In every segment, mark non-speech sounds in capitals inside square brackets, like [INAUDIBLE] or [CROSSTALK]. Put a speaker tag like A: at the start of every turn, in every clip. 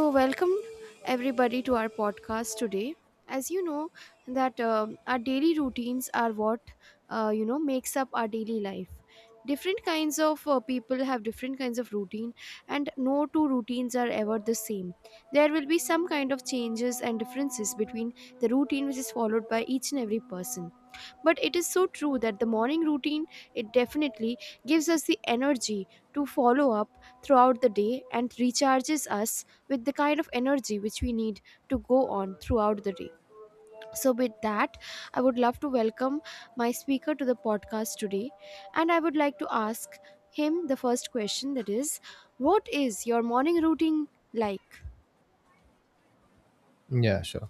A: So welcome everybody to our podcast today. As you know that our daily routines are what makes up our daily life. Different kinds of people have different kinds of routine, and no two routines are ever the same. There will be some kind of changes and differences between the routine which is followed by each and every person. But it is so true that the morning routine, it definitely gives us the energy to follow up throughout the day and recharges us with the kind of energy which we need to go on throughout the day. So, with that, I would love to welcome my speaker to the podcast today, and I would like to ask him the first question that is, what is your morning routine like?
B: Yeah, sure.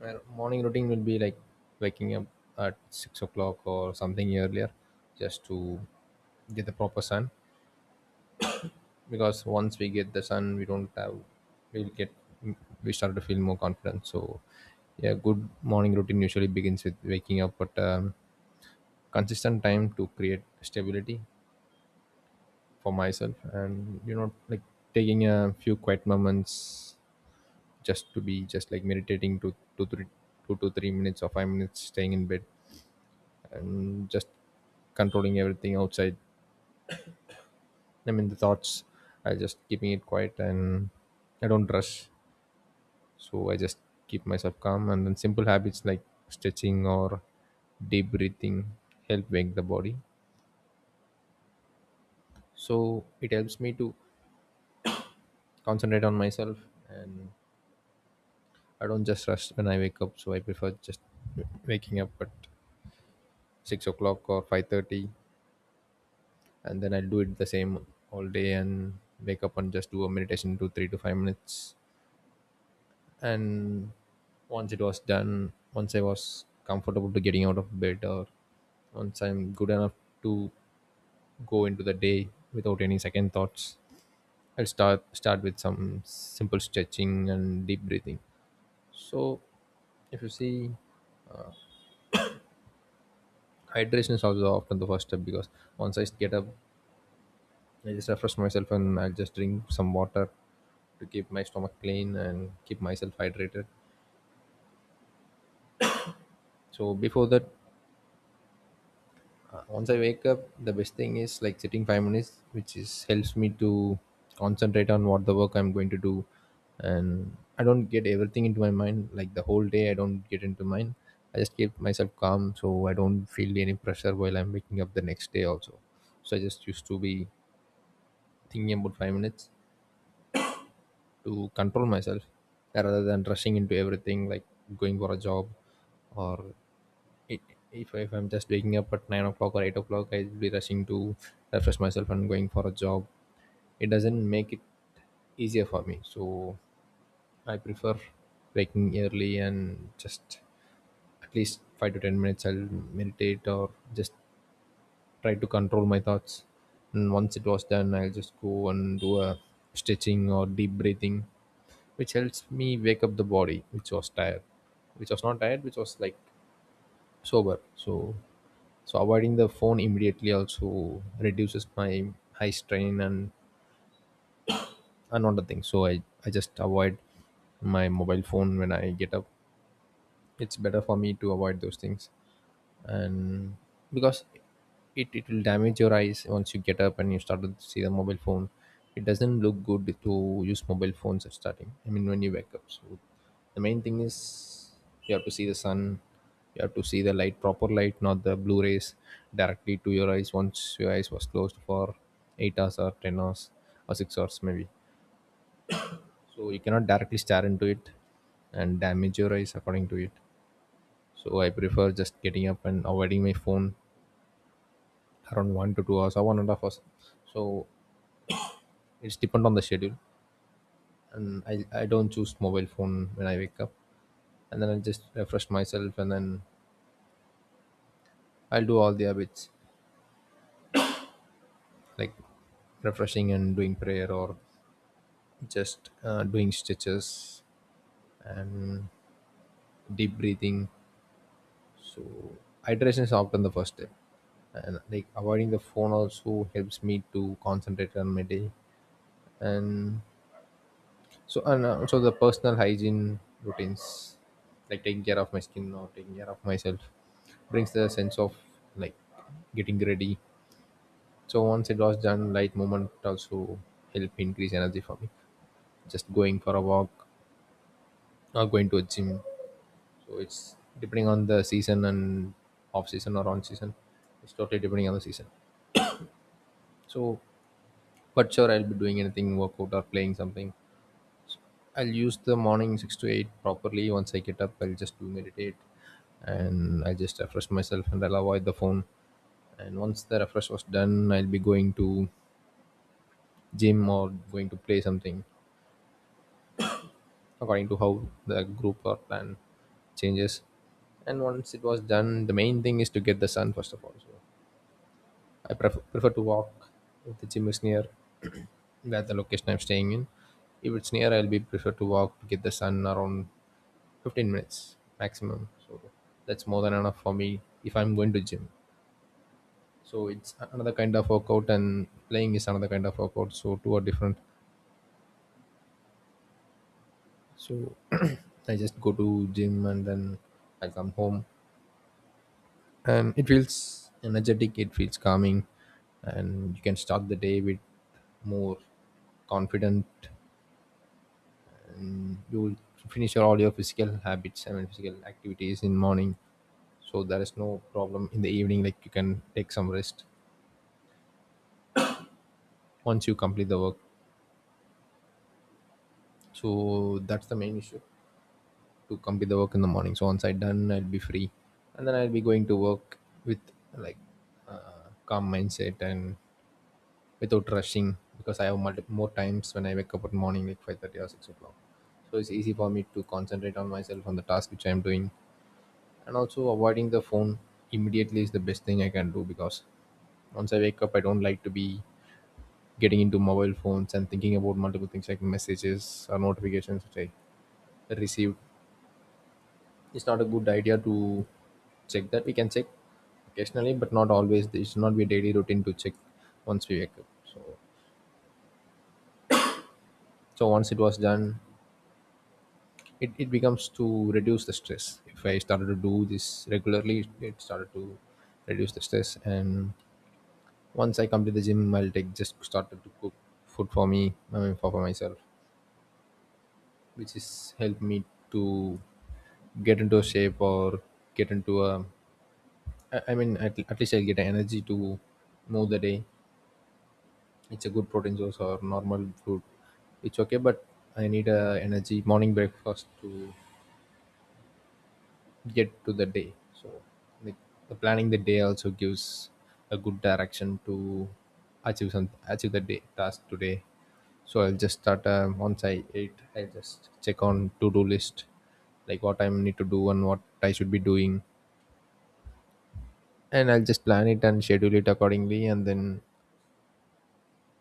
B: My morning routine will be like waking up at 6 o'clock or something earlier, just to get the proper sun. Because once we get the sun, we don't have we'll get we start to feel more confident. So, yeah, good morning routine usually begins with waking up at consistent time to create stability for myself, and like taking a few quiet moments just to be just like meditating to two to 3 minutes or 5 minutes staying in bed and just controlling everything outside. I mean the thoughts. I just keeping it quiet and I don't rush, so I just keep myself calm. And then simple habits like stretching or deep breathing help wake the body, so it helps me to concentrate on myself. And I don't just rush when I wake up, so I prefer just waking up at 6 o'clock or 5:30, and then I'll do it the same all day and wake up and just do a meditation to 3 to 5 minutes. And once it was done, once I was comfortable to getting out of bed, or once I'm good enough to go into the day without any second thoughts, I'll start with some simple stretching and deep breathing. So if you see, hydration is also often the first step, because once I get up, I just refresh myself and I'll just drink some water to keep my stomach clean and keep myself hydrated. So before that, once I wake up, the best thing is like sitting 5 minutes, which is helps me to concentrate on what the work I'm going to do, and I don't get everything into my mind. Like the whole day, I don't get into mind. I just keep myself calm, so I don't feel any pressure while I'm waking up the next day. Also, so I just used to be thinking about 5 minutes to control myself rather than rushing into everything, like going for a job, or if I'm just waking up at 9 o'clock or 8 o'clock, I'll be rushing to refresh myself and going for a job. It doesn't make it easier for me. So I prefer waking early and just at least 5 to 10 minutes I'll meditate or just try to control my thoughts. And once it was done, I'll just go and do a stretching or deep breathing, which helps me wake up the body, which was tired, which was not tired, which was like sober. So so avoiding the phone immediately also reduces my high strain. And another thing, so I just avoid my mobile phone when I get up. It's better for me to avoid those things. And because it will damage your eyes once you get up and you start to see the mobile phone. It doesn't look good to use mobile phones at starting, I mean when you wake up. So the main thing is you have to see the sun, you have to see the light, proper light, not the blue rays directly to your eyes once your eyes was closed for 8 hours or 10 hours or 6 hours maybe. So you cannot directly stare into it and damage your eyes according to it. So I prefer just getting up and avoiding my phone around 1 to 2 hours or one and a half hours. So it's depend on the schedule. And I don't choose mobile phone when I wake up. And then I just refresh myself, and then I'll do all the habits, like refreshing and doing prayer, or just doing stretches and deep breathing. So hydration is often the first step. And like avoiding the phone also helps me to concentrate on my day. And so and also the personal hygiene routines, like taking care of my skin or taking care of myself, brings the sense of like getting ready. So once it was done, light movement also help increase energy for me. Just going for a walk or going to a gym. So it's depending on the season and off season or on season. It's totally depending on the season. So, but sure, I'll be doing anything, workout or playing something. I'll use the morning 6 to 8 properly. Once I get up, I'll just do meditate and I'll just refresh myself and I'll avoid the phone. And once the refresh was done, I'll be going to gym or going to play something according to how the group or plan changes. And once it was done, the main thing is to get the sun first of all. So I prefer to walk if the gym is near [CLEARS THROAT] that the location I'm staying in. If it's near, I'll be prefer to walk to get the sun around 15 minutes maximum, so that's more than enough for me. If I'm going to gym, so it's another kind of workout, and playing is another kind of workout, so two are different. So [CLEARS THROAT] I just go to gym and then I come home, and it feels energetic, it feels calming, and you can start the day with more confident. You will finish your all your physical habits, I mean physical activities in morning, so there is no problem in the evening, like you can take some rest once you complete the work. So that's the main issue, to complete the work in the morning. So once I done, I'll be free, and then I'll be going to work with like calm mindset and without rushing, because I have more times when I wake up at morning like 5:30 or 6 o'clock. So it's easy for me to concentrate on myself on the task which I'm doing, and also avoiding the phone immediately is the best thing I can do. Because once I wake up, I don't like to be getting into mobile phones and thinking about multiple things like messages or notifications which I received. It's not a good idea to check that. We can check occasionally, but not always. It should not be a daily routine to check once we wake up. So so once it was done, it becomes to reduce the stress. If I started to do this regularly, it started to reduce the stress. And once I come to the gym, I'll take just started to cook food for me, I mean for myself, which is helped me to get into a shape or get into a, I mean, at least I get energy to move the day. It's a good protein source or normal food. It's okay, but I need a energy morning breakfast to get to the day. So, like the planning the day also gives a good direction to achieve some achieve the day task today. So I'll just start once I eat. I just check on to do list, like what I need to do and what I should be doing, and I'll just plan it and schedule it accordingly, and then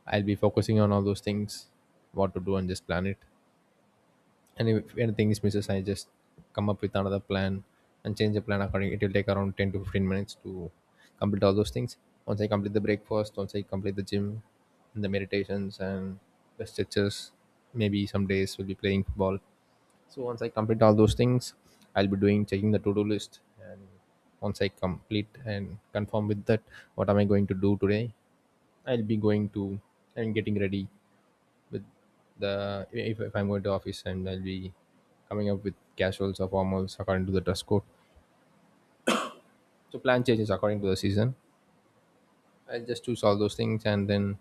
B: I'll be focusing on all those things, what to do on this planet. And if anything is misses, I just come up with another plan and change the plan according. It will take around 10 to 15 minutes to complete all those things. Once I complete the breakfast, once I complete the gym and the meditations and the stretches, maybe some days will be playing football. So once I complete all those things, I'll be doing checking the to-do list. And once I complete and confirm with that what am I going to do today, I'll be going to and getting ready with the, if I'm going to office, and I'll be coming up with casuals or formals according to the dress code. So plan changes according to the season. I'll just choose all those things, and then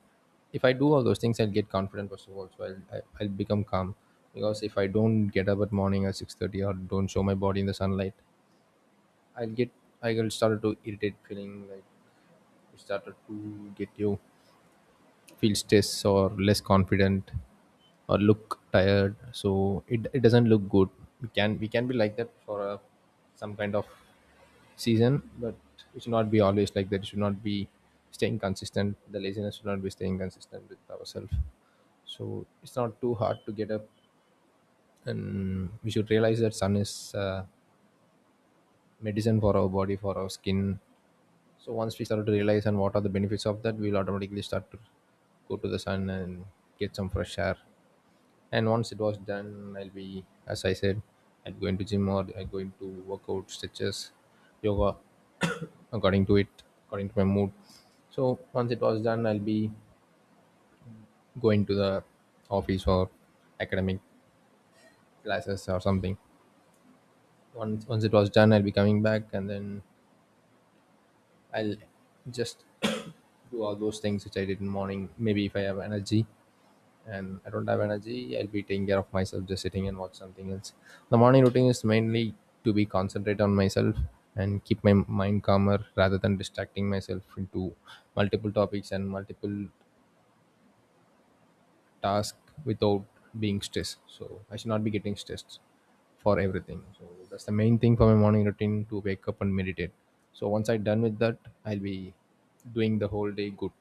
B: if I do all those things, I'll get confident first of all. So I'll become calm because if I don't get up at morning at 6:30 or don't show my body in the sunlight, I'll get, I will start to irritate feeling like you started to get you feel stress or less confident or look tired. So it doesn't look good. We can be like that for some kind of season, but it should not be always like that. It should not be staying consistent. The laziness should not be staying consistent with ourselves. So it's not too hard to get up, and we should realize that sun is medicine for our body, for our skin. So once we start to realize and what are the benefits of that, we'll automatically start to go to the sun and get some fresh air. And once it was done, I'll be, as I said, I'd go into gym or I'd go into workout, stretches, yoga, according to it, according to my mood. So once it was done, I'll be going to the office or academic classes or something. Once it was done, I'll be coming back, and then I'll just [CLEARS THROAT] do all those things which I did in morning. Maybe if I have energy, and I don't have energy, I'll be taking care of myself, just sitting and watch something else. The morning routine is mainly to be concentrate on myself and keep my mind calmer rather than distracting myself into multiple topics and multiple tasks without being stressed. So I should not be getting stressed for everything. So that's the main thing for my morning routine, to wake up and meditate. So once I done with that, I'll be doing the whole day good.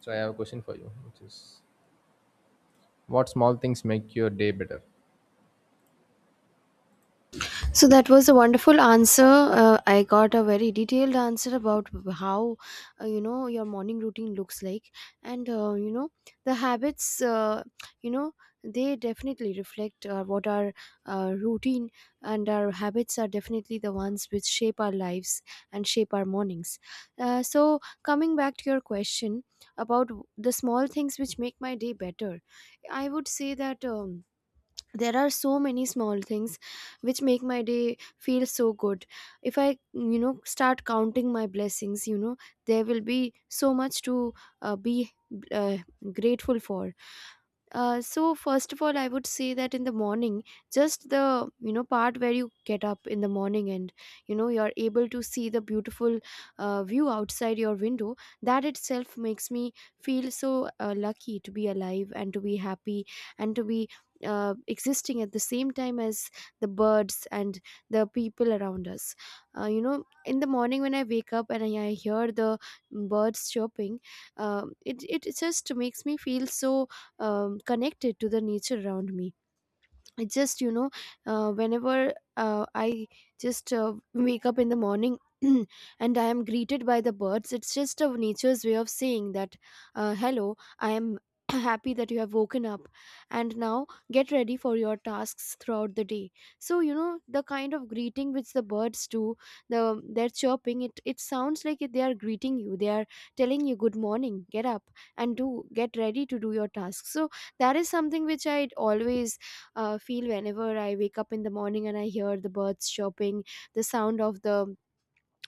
B: So I have a question for you, which is, what small things make your day better?
A: So that was a wonderful answer. I got a very detailed answer about how your morning routine looks like, and the habits. You know they definitely reflect what our routine and our habits are definitely the ones which shape our lives and shape our mornings. So coming back to your question about the small things which make my day better, I would say that. There are so many small things which make my day feel so good if I start counting my blessings, you know, there will be so much to be uh, grateful for. So first of all, I would say that in the morning, just the part where you get up in the morning and you know you're able to see the beautiful view outside your window, that itself makes me feel so lucky to be alive and to be happy and to be existing at the same time as the birds and the people around us. You know, in the morning when I wake up and I hear the birds chirping, it just makes me feel so connected to the nature around me. I just, you know, whenever I just wake up in the morning [CLEARS THROAT] and I am greeted by the birds, it's just a nature's way of saying that, hello, I am [CLEARS THROAT] happy that you have woken up and now get ready for your tasks throughout the day. So you know the kind of greeting which the birds do, the their chirping, it sounds like they are greeting you, they are telling you good morning, get up and do get ready to do your tasks. So that is something which I always feel whenever I wake up in the morning and I hear the birds chirping, the sound of the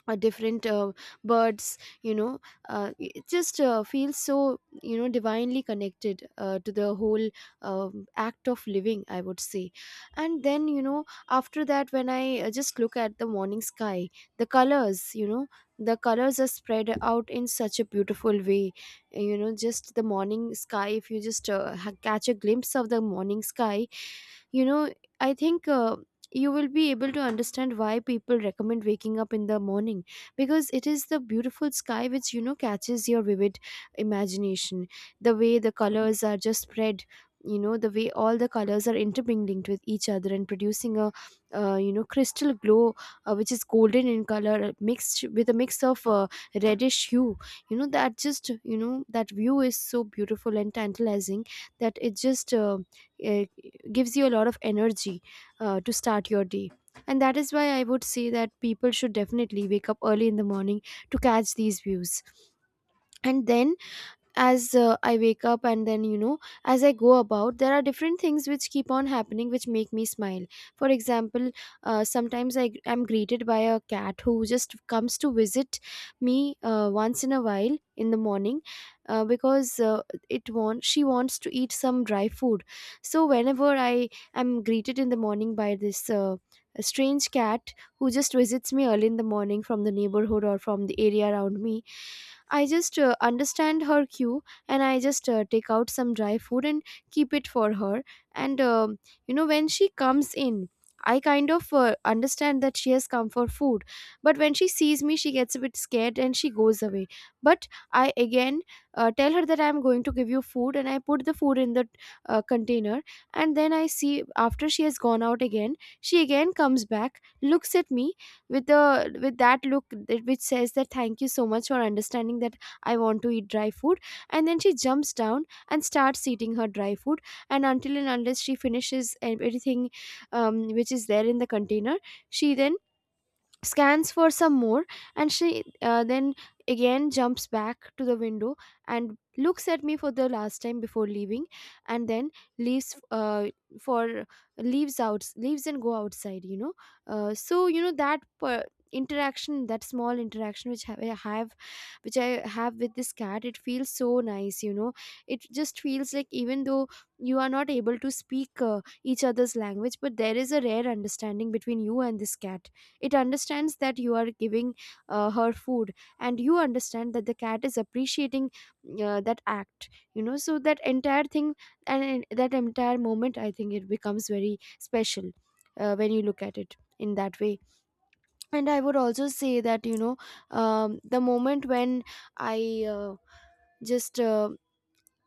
A: different birds, you know, it just feels so, you know, divinely connected to the whole act of living, I would say. And then, you know, after that, when I just look at the morning sky, the colors, you know, the colors are spread out in such a beautiful way. You know, just the morning sky, if you just catch a glimpse of the morning sky, you know, I think, you will be able to understand why people recommend waking up in the morning, because it is the beautiful sky which you know catches your vivid imagination, the way the colors are just spread, you know, the way all the colors are intermingling with each other and producing a you know crystal glow, which is golden in color, mixed with a mix of reddish hue. You know, that just, you know, that view is so beautiful and tantalizing that it just uh, gives you a lot of energy to start your day. And that is why I would say that people should definitely wake up early in the morning to catch these views. And then, as I wake up and then you know as I go about, there are different things which keep on happening which make me smile. For example, sometimes I am greeted by a cat who just comes to visit me once in a while in the morning, because it wants she wants to eat some dry food. So whenever I am greeted in the morning by this strange cat, who just visits me early in the morning from the neighborhood or from the area around me, I just understand her cue, and I just take out some dry food and keep it for her. And you know, when she comes in, I kind of understand that she has come for food. But when she sees me, she gets a bit scared and she goes away. But I again tell her that I'm going to give you food, and I put the food in the container. And then I see, after she has gone out again, she again comes back, looks at me, with that look which says that thank you so much for understanding that I want to eat dry food. And then she jumps down and starts eating her dry food. And until and unless she finishes everything which is there in the container, she then scans for some more, and she then again jumps back to the window and looks at me for the last time before leaving, and then leaves for leaves out leaves and go outside, you know. So you know that interaction, that small interaction which I have with this cat, it feels so nice, you know. It just feels like, even though you are not able to speak each other's language, but there is a rare understanding between you and this cat. It understands that you are giving her food, and you understand that the cat is appreciating that act. You know, so that entire thing and that entire moment, I think it becomes very special when you look at it in that way. And I would also say that, you know, the moment when I uh, just uh,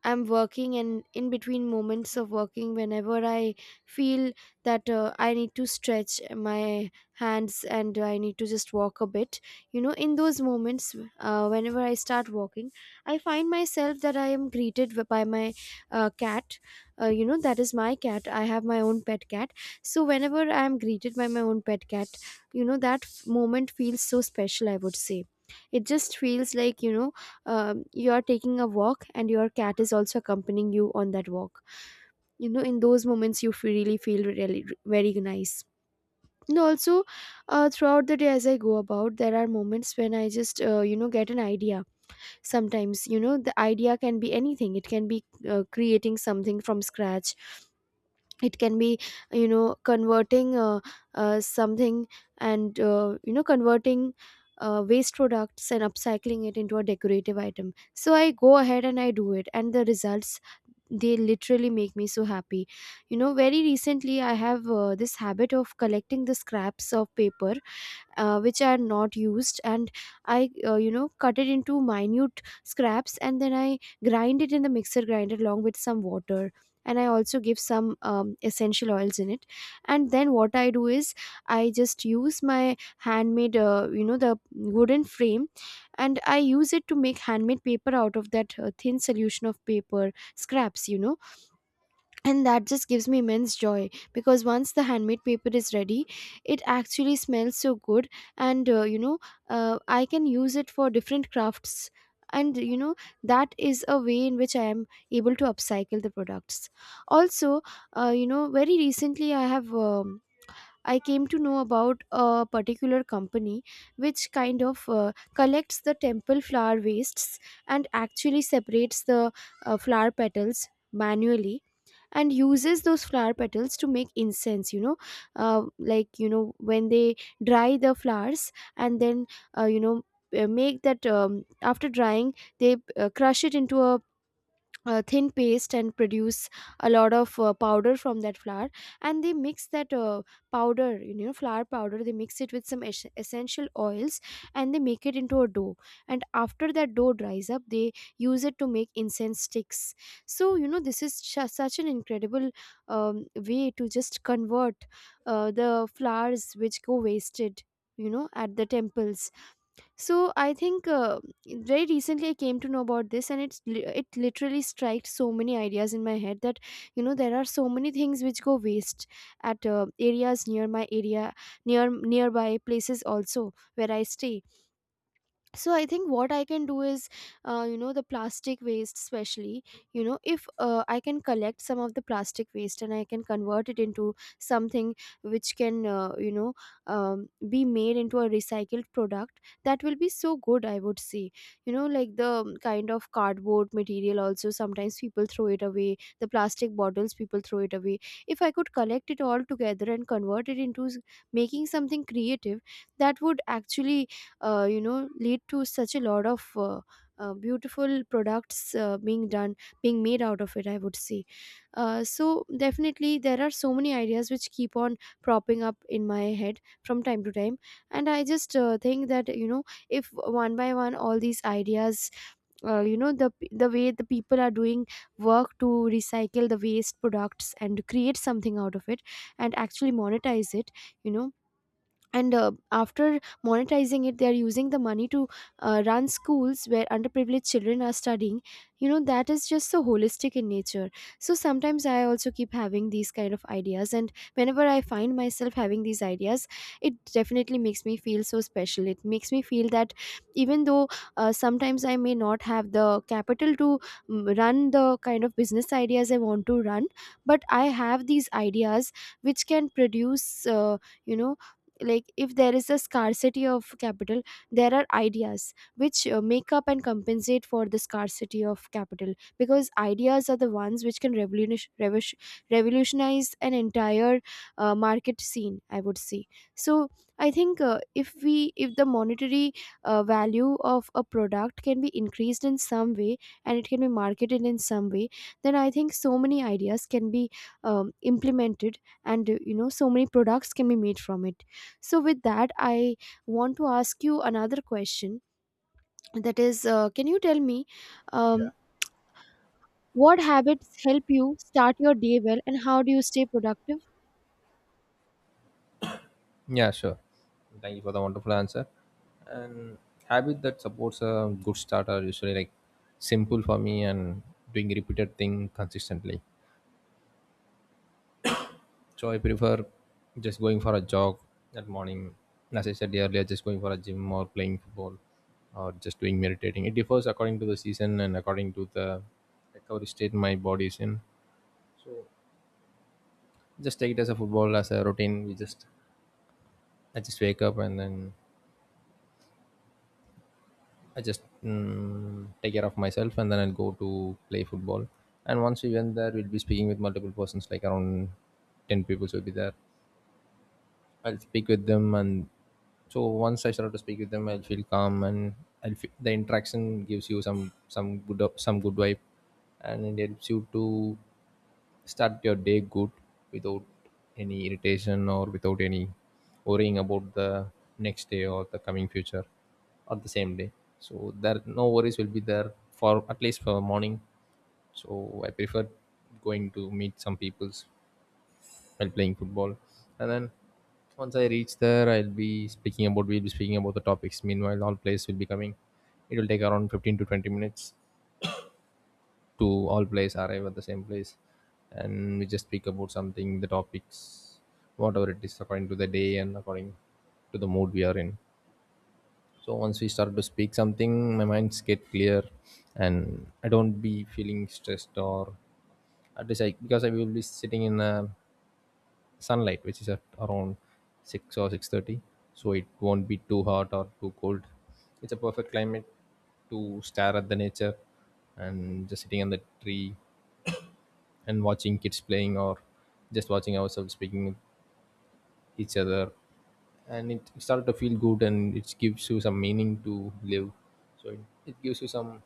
A: I'm working, and in between moments of working, whenever I feel that I need to stretch my hands and I need to just walk a bit, you know, in those moments, whenever I start walking, I find myself that I am greeted by my cat. You know, that is my cat, I have my own pet cat. So whenever I am greeted by my own pet cat, you know, that moment feels so special, I would say. It just feels like, you know, you are taking a walk and your cat is also accompanying you on that walk. You know, in those moments you really feel really very nice. And also, throughout the day as I go about, there are moments when I just, you know, get an idea. Sometimes, you know, the idea can be anything. It can be creating something from scratch, it can be, you know, converting something, and you know converting waste products and upcycling it into a decorative item. So I go ahead and I do it, and the results, they literally make me so happy, you know. Very recently I have this habit of collecting the scraps of paper which are not used, and I you know cut it into minute scraps, and then I grind it in the mixer grinder along with some water, and I also give some essential oils in it. And then what I do is, I just use my handmade, you know, the wooden frame, and I use it to make handmade paper out of that thin solution of paper scraps, you know. And that just gives me immense joy, because once the handmade paper is ready, it actually smells so good, and you know, I can use it for different crafts. And you know, that is a way in which I am able to upcycle the products. Also, you know, very recently I have, I came to know about a particular company which kind of collects the temple flower wastes and actually separates the flower petals manually, and uses those flower petals to make incense, you know. Like, you know, when they dry the flowers, and then uh, you know make that, after drying they crush it into a thin paste, and produce a lot of powder from that flour. And they mix that powder, you know, flour powder, they mix it with some essential oils, and they make it into a dough. And after that dough dries up, they use it to make incense sticks. So you Know this is such an incredible way to just convert the flowers which go wasted, you know, at the temples. So I think, very recently I came to know about this, and it literally striked so many ideas in my head that, you know, there are so many things which go waste at areas near my area, near nearby places also where I stay. So I think what I can do is, you know, the plastic waste especially, you know, if I can collect some of the plastic waste and I can convert it into something which can, be made into a recycled product. That will be so good, I would say. You know, like the kind of cardboard material, also sometimes people throw it away, the plastic bottles people throw it away. If I could collect it all together and convert it into making something creative, that would actually, you know, lead to such a lot of beautiful products being done, being made out of it, I would say. So definitely there are so many ideas which keep on propping up in my head from time to time. And I just think that, you know, if one by one all these ideas, you know, the way the people are doing work to recycle the waste products and create something out of it and actually monetize it, you know. And after monetizing it, they are using the money to run schools where underprivileged children are studying. You know, that is just so holistic in nature. So sometimes I also keep having these kind of ideas, and whenever I find myself having these ideas, it definitely makes me feel so special. It makes me feel that even though, sometimes I may not have the capital to run the kind of business ideas I want to run, but I have these ideas which can produce, you know like if there is a scarcity of capital, there are ideas which, make up and compensate for the scarcity of capital, because ideas are the ones which can revolutionize an entire market scene, I would say. So I think, if the monetary value of a product can be increased in some way and it can be marketed in some way, then I think so many ideas can be implemented, and you know, so many products can be made from it. So, with that, I want to ask you another question. That is, can you tell me
B: Yeah.
A: um, what habits help you start your day well and how do you stay productive?
B: Yeah, sure. Thank you for the wonderful answer. And habit that supports a good start are usually like simple for me and doing repeated thing consistently. So I prefer just going for a jog that morning. As I said earlier, just going for a gym or playing football or just doing meditating. It differs according to the season and according to the recovery state my body is in. Just take it as a football as a routine. We just I just wake up, and then I just take care of myself, and then I'll go to play football. And once we went there, we'll be speaking with multiple persons, like around 10 people will be there. I'll speak with them, and so once I start to speak with them, I'll feel calm, and I'll feel, the interaction gives you some good vibe, and it helps you to start your day good without any irritation or without any worrying about the next day or the coming future or the same day. So there no worries will be there for at least for morning. So I prefer going to meet some peoples while playing football. And then once I reach there, I'll be speaking about we'll be speaking about the topics. Meanwhile, all players will be coming. It will take around 15 to 20 minutes to all players arrive at the same place, and we just speak about something, the topics, whatever it is, according to the day and according to the mood we are in. So once we start to speak something, my minds get clear, and I don't be feeling stressed, or at least I, because I will be sitting in a sunlight which is at around 6 or 6:30, so it won't be too hot or too cold. It's a perfect climate to stare at the nature and just sitting on the tree and watching kids playing or just watching ourselves speaking with each other. And it started to feel good, and it gives you some meaning to live. So it gives you some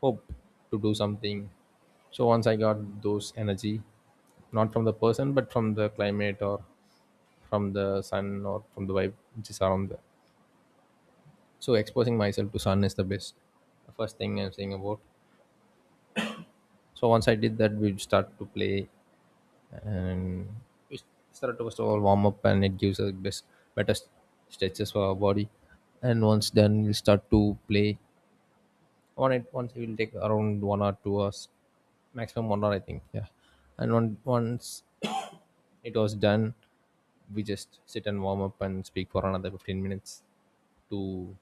B: hope to do something. So once I got those energy, not from the person but from the climate or from the sun or from the vibe which is around there. So exposing myself to sun is the best. The first thing I'm saying about. So once I did that, we start to play, and we start to first of all warm up, and it gives us best better s- stretches for our body. And once done, we'll start to play. On it, once it will take around 1 or 2 hours, maximum 1 hour, I think. Yeah, and on, once [CLEARS THROAT] it was done, we just sit and warm up and speak for another 15 minutes to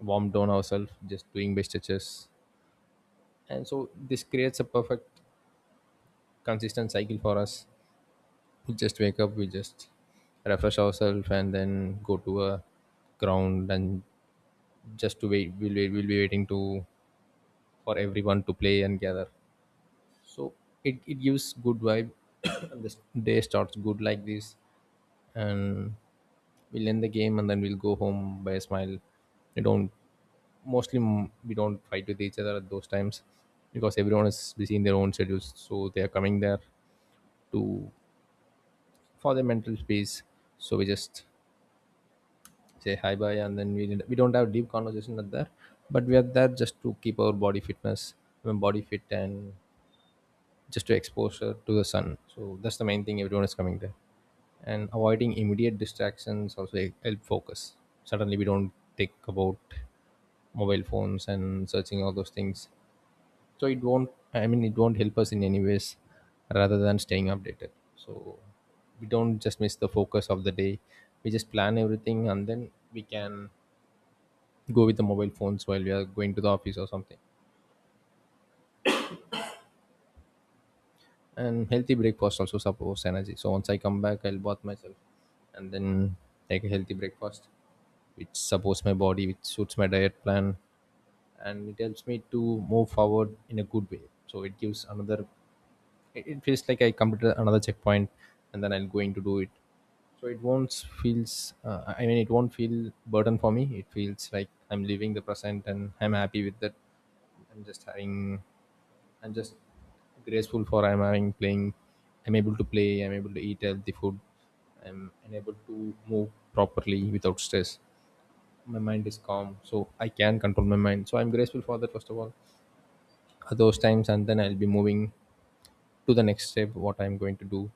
B: warm down ourselves just doing by stretches. And so this creates a perfect consistent cycle for us. We just wake up, we just refresh ourselves, and then go to a ground and just to wait, we'll be waiting to for everyone to play and gather. So it gives good vibe. [COUGHS] The day starts good like this, and we'll end the game, and then we'll go home by a smile. We don't mostly mm, we don't fight with each other at those times, because everyone is busy in their own schedules, so they are coming there to for their mental space. So we just say hi bye, and then we don't have deep conversation at there, but we are there just to keep our body fitness. I mean body fit, and just to exposure to the sun. So that's the main thing everyone is coming there. And avoiding immediate distractions also help focus. Suddenly we don't think about mobile phones and searching all those things. So it won't, I mean, it won't help us in any ways rather than staying updated. So we don't just miss the focus of the day. We just plan everything, and then we can go with the mobile phones while we are going to the office or something. And healthy breakfast also supports energy. So once I come back, I'll bath myself, and then take a healthy breakfast which supports my body, which suits my diet plan, and it helps me to move forward in a good way. So it gives another, it feels like I completed another checkpoint, and then I'm going to do it. So it won't feels. I mean, it won't feel burden for me. It feels like I'm living the present and I'm happy with that. I'm just having. I'm just graceful for I'm having playing. I'm able to play. I'm able to eat healthy food. I'm unable to move properly without stress. My mind is calm, so I can control my mind. So I'm grateful for that first of all. At those times, and then I'll be moving to the next step. What I'm going to do,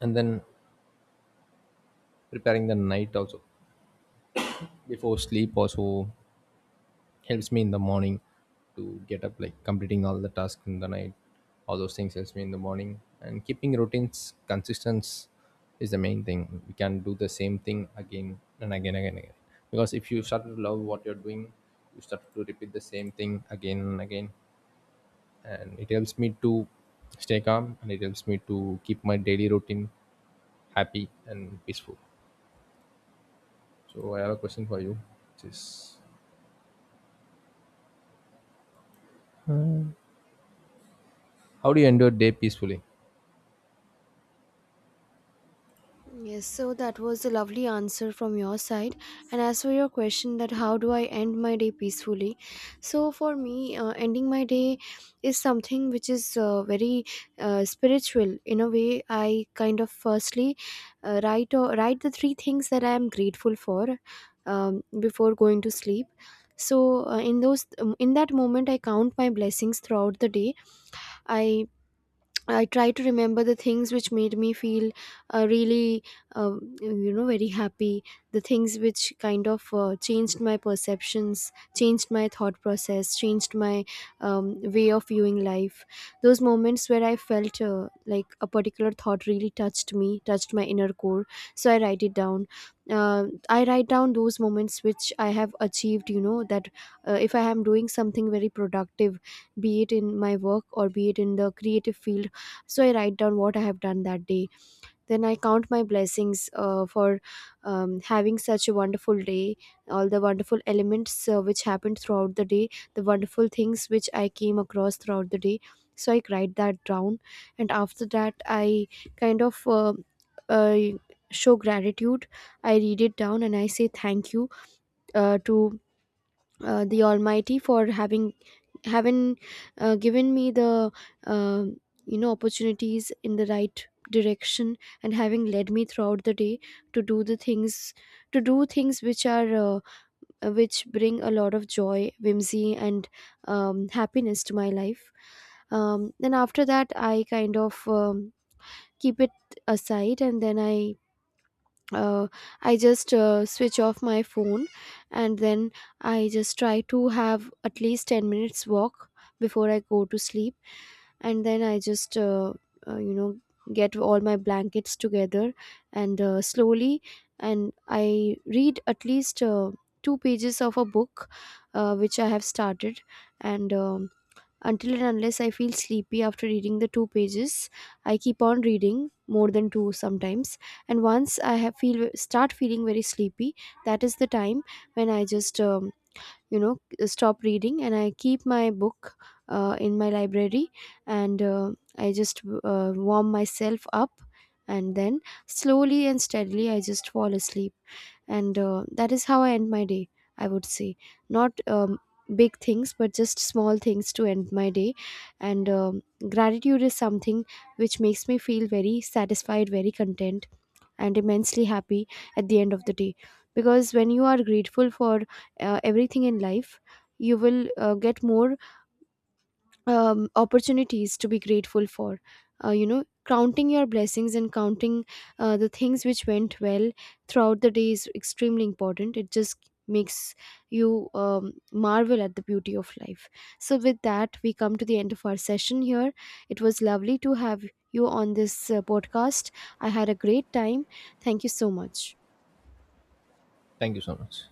B: and then preparing the night also before sleep also helps me in the morning to get up, like completing all the tasks in the night. All those things helps me in the morning, and keeping routines consistent is the main thing. We can do the same thing again and again, again again, because if you start to love what you're doing, you start to repeat the same thing again and again, and it helps me to stay calm, and it helps me to keep my daily routine happy and peaceful. So I have a question for you, which is, how do you end your day peacefully?
A: Yes, so that was a lovely answer from your side. And as for your question that how do I end my day peacefully? So for me, ending my day is something which is, very spiritual. In a way, I kind of firstly write the three things that I am grateful for before going to sleep. So, in those in that moment, I count my blessings throughout the day. I I try to remember the things which made me feel, really, very happy. The things which kind of, changed my perceptions, changed my thought process, changed my way of viewing life. Those moments where I felt, like a particular thought really touched me, touched my inner core. So I write it down. I write down those moments which I have achieved, you know, that if I am doing something very productive, be it in my work or be it in the creative field. So I write down what I have done that day. Then I count my blessings for having such a wonderful day, all the wonderful elements which happened throughout the day, the wonderful things which I came across throughout the day. So I write that down, and after that I kind of, uh, show gratitude. I read it down and I say thank you to the almighty for having haven't given me the um you know opportunities in the right direction, and having led me throughout the day to do the things, to do things which are, which bring a lot of joy, whimsy, and happiness to my life. Um, then after that I kind of, keep it aside, and then I, uh, I just switch off my phone, and then I just try to have at least 10 minutes walk before I go to sleep. And then I just, uh, you know get all my blankets together, and slowly, and I read at least two pages of a book which I have started. And until and unless I feel sleepy after reading the two pages, I keep on reading more than two sometimes. And once I have feel start feeling very sleepy, that is the time when I just, you know stop reading, and I keep my book in my library, and I just warm myself up, and then slowly and steadily I just fall asleep. And that is how I end my day, I would say. Not big things, but just small things to end my day. And gratitude is something which makes me feel very satisfied, very content, and immensely happy at the end of the day. Because when you are grateful for everything in life, you will get more opportunities to be grateful for. You know, counting your blessings and counting the things which went well throughout the day is extremely important. It just makes you marvel at the beauty of life. So with that, we come to the end of our session here. It was lovely to have you on this podcast. I had a great time. Thank you so much.
B: Thank you so much.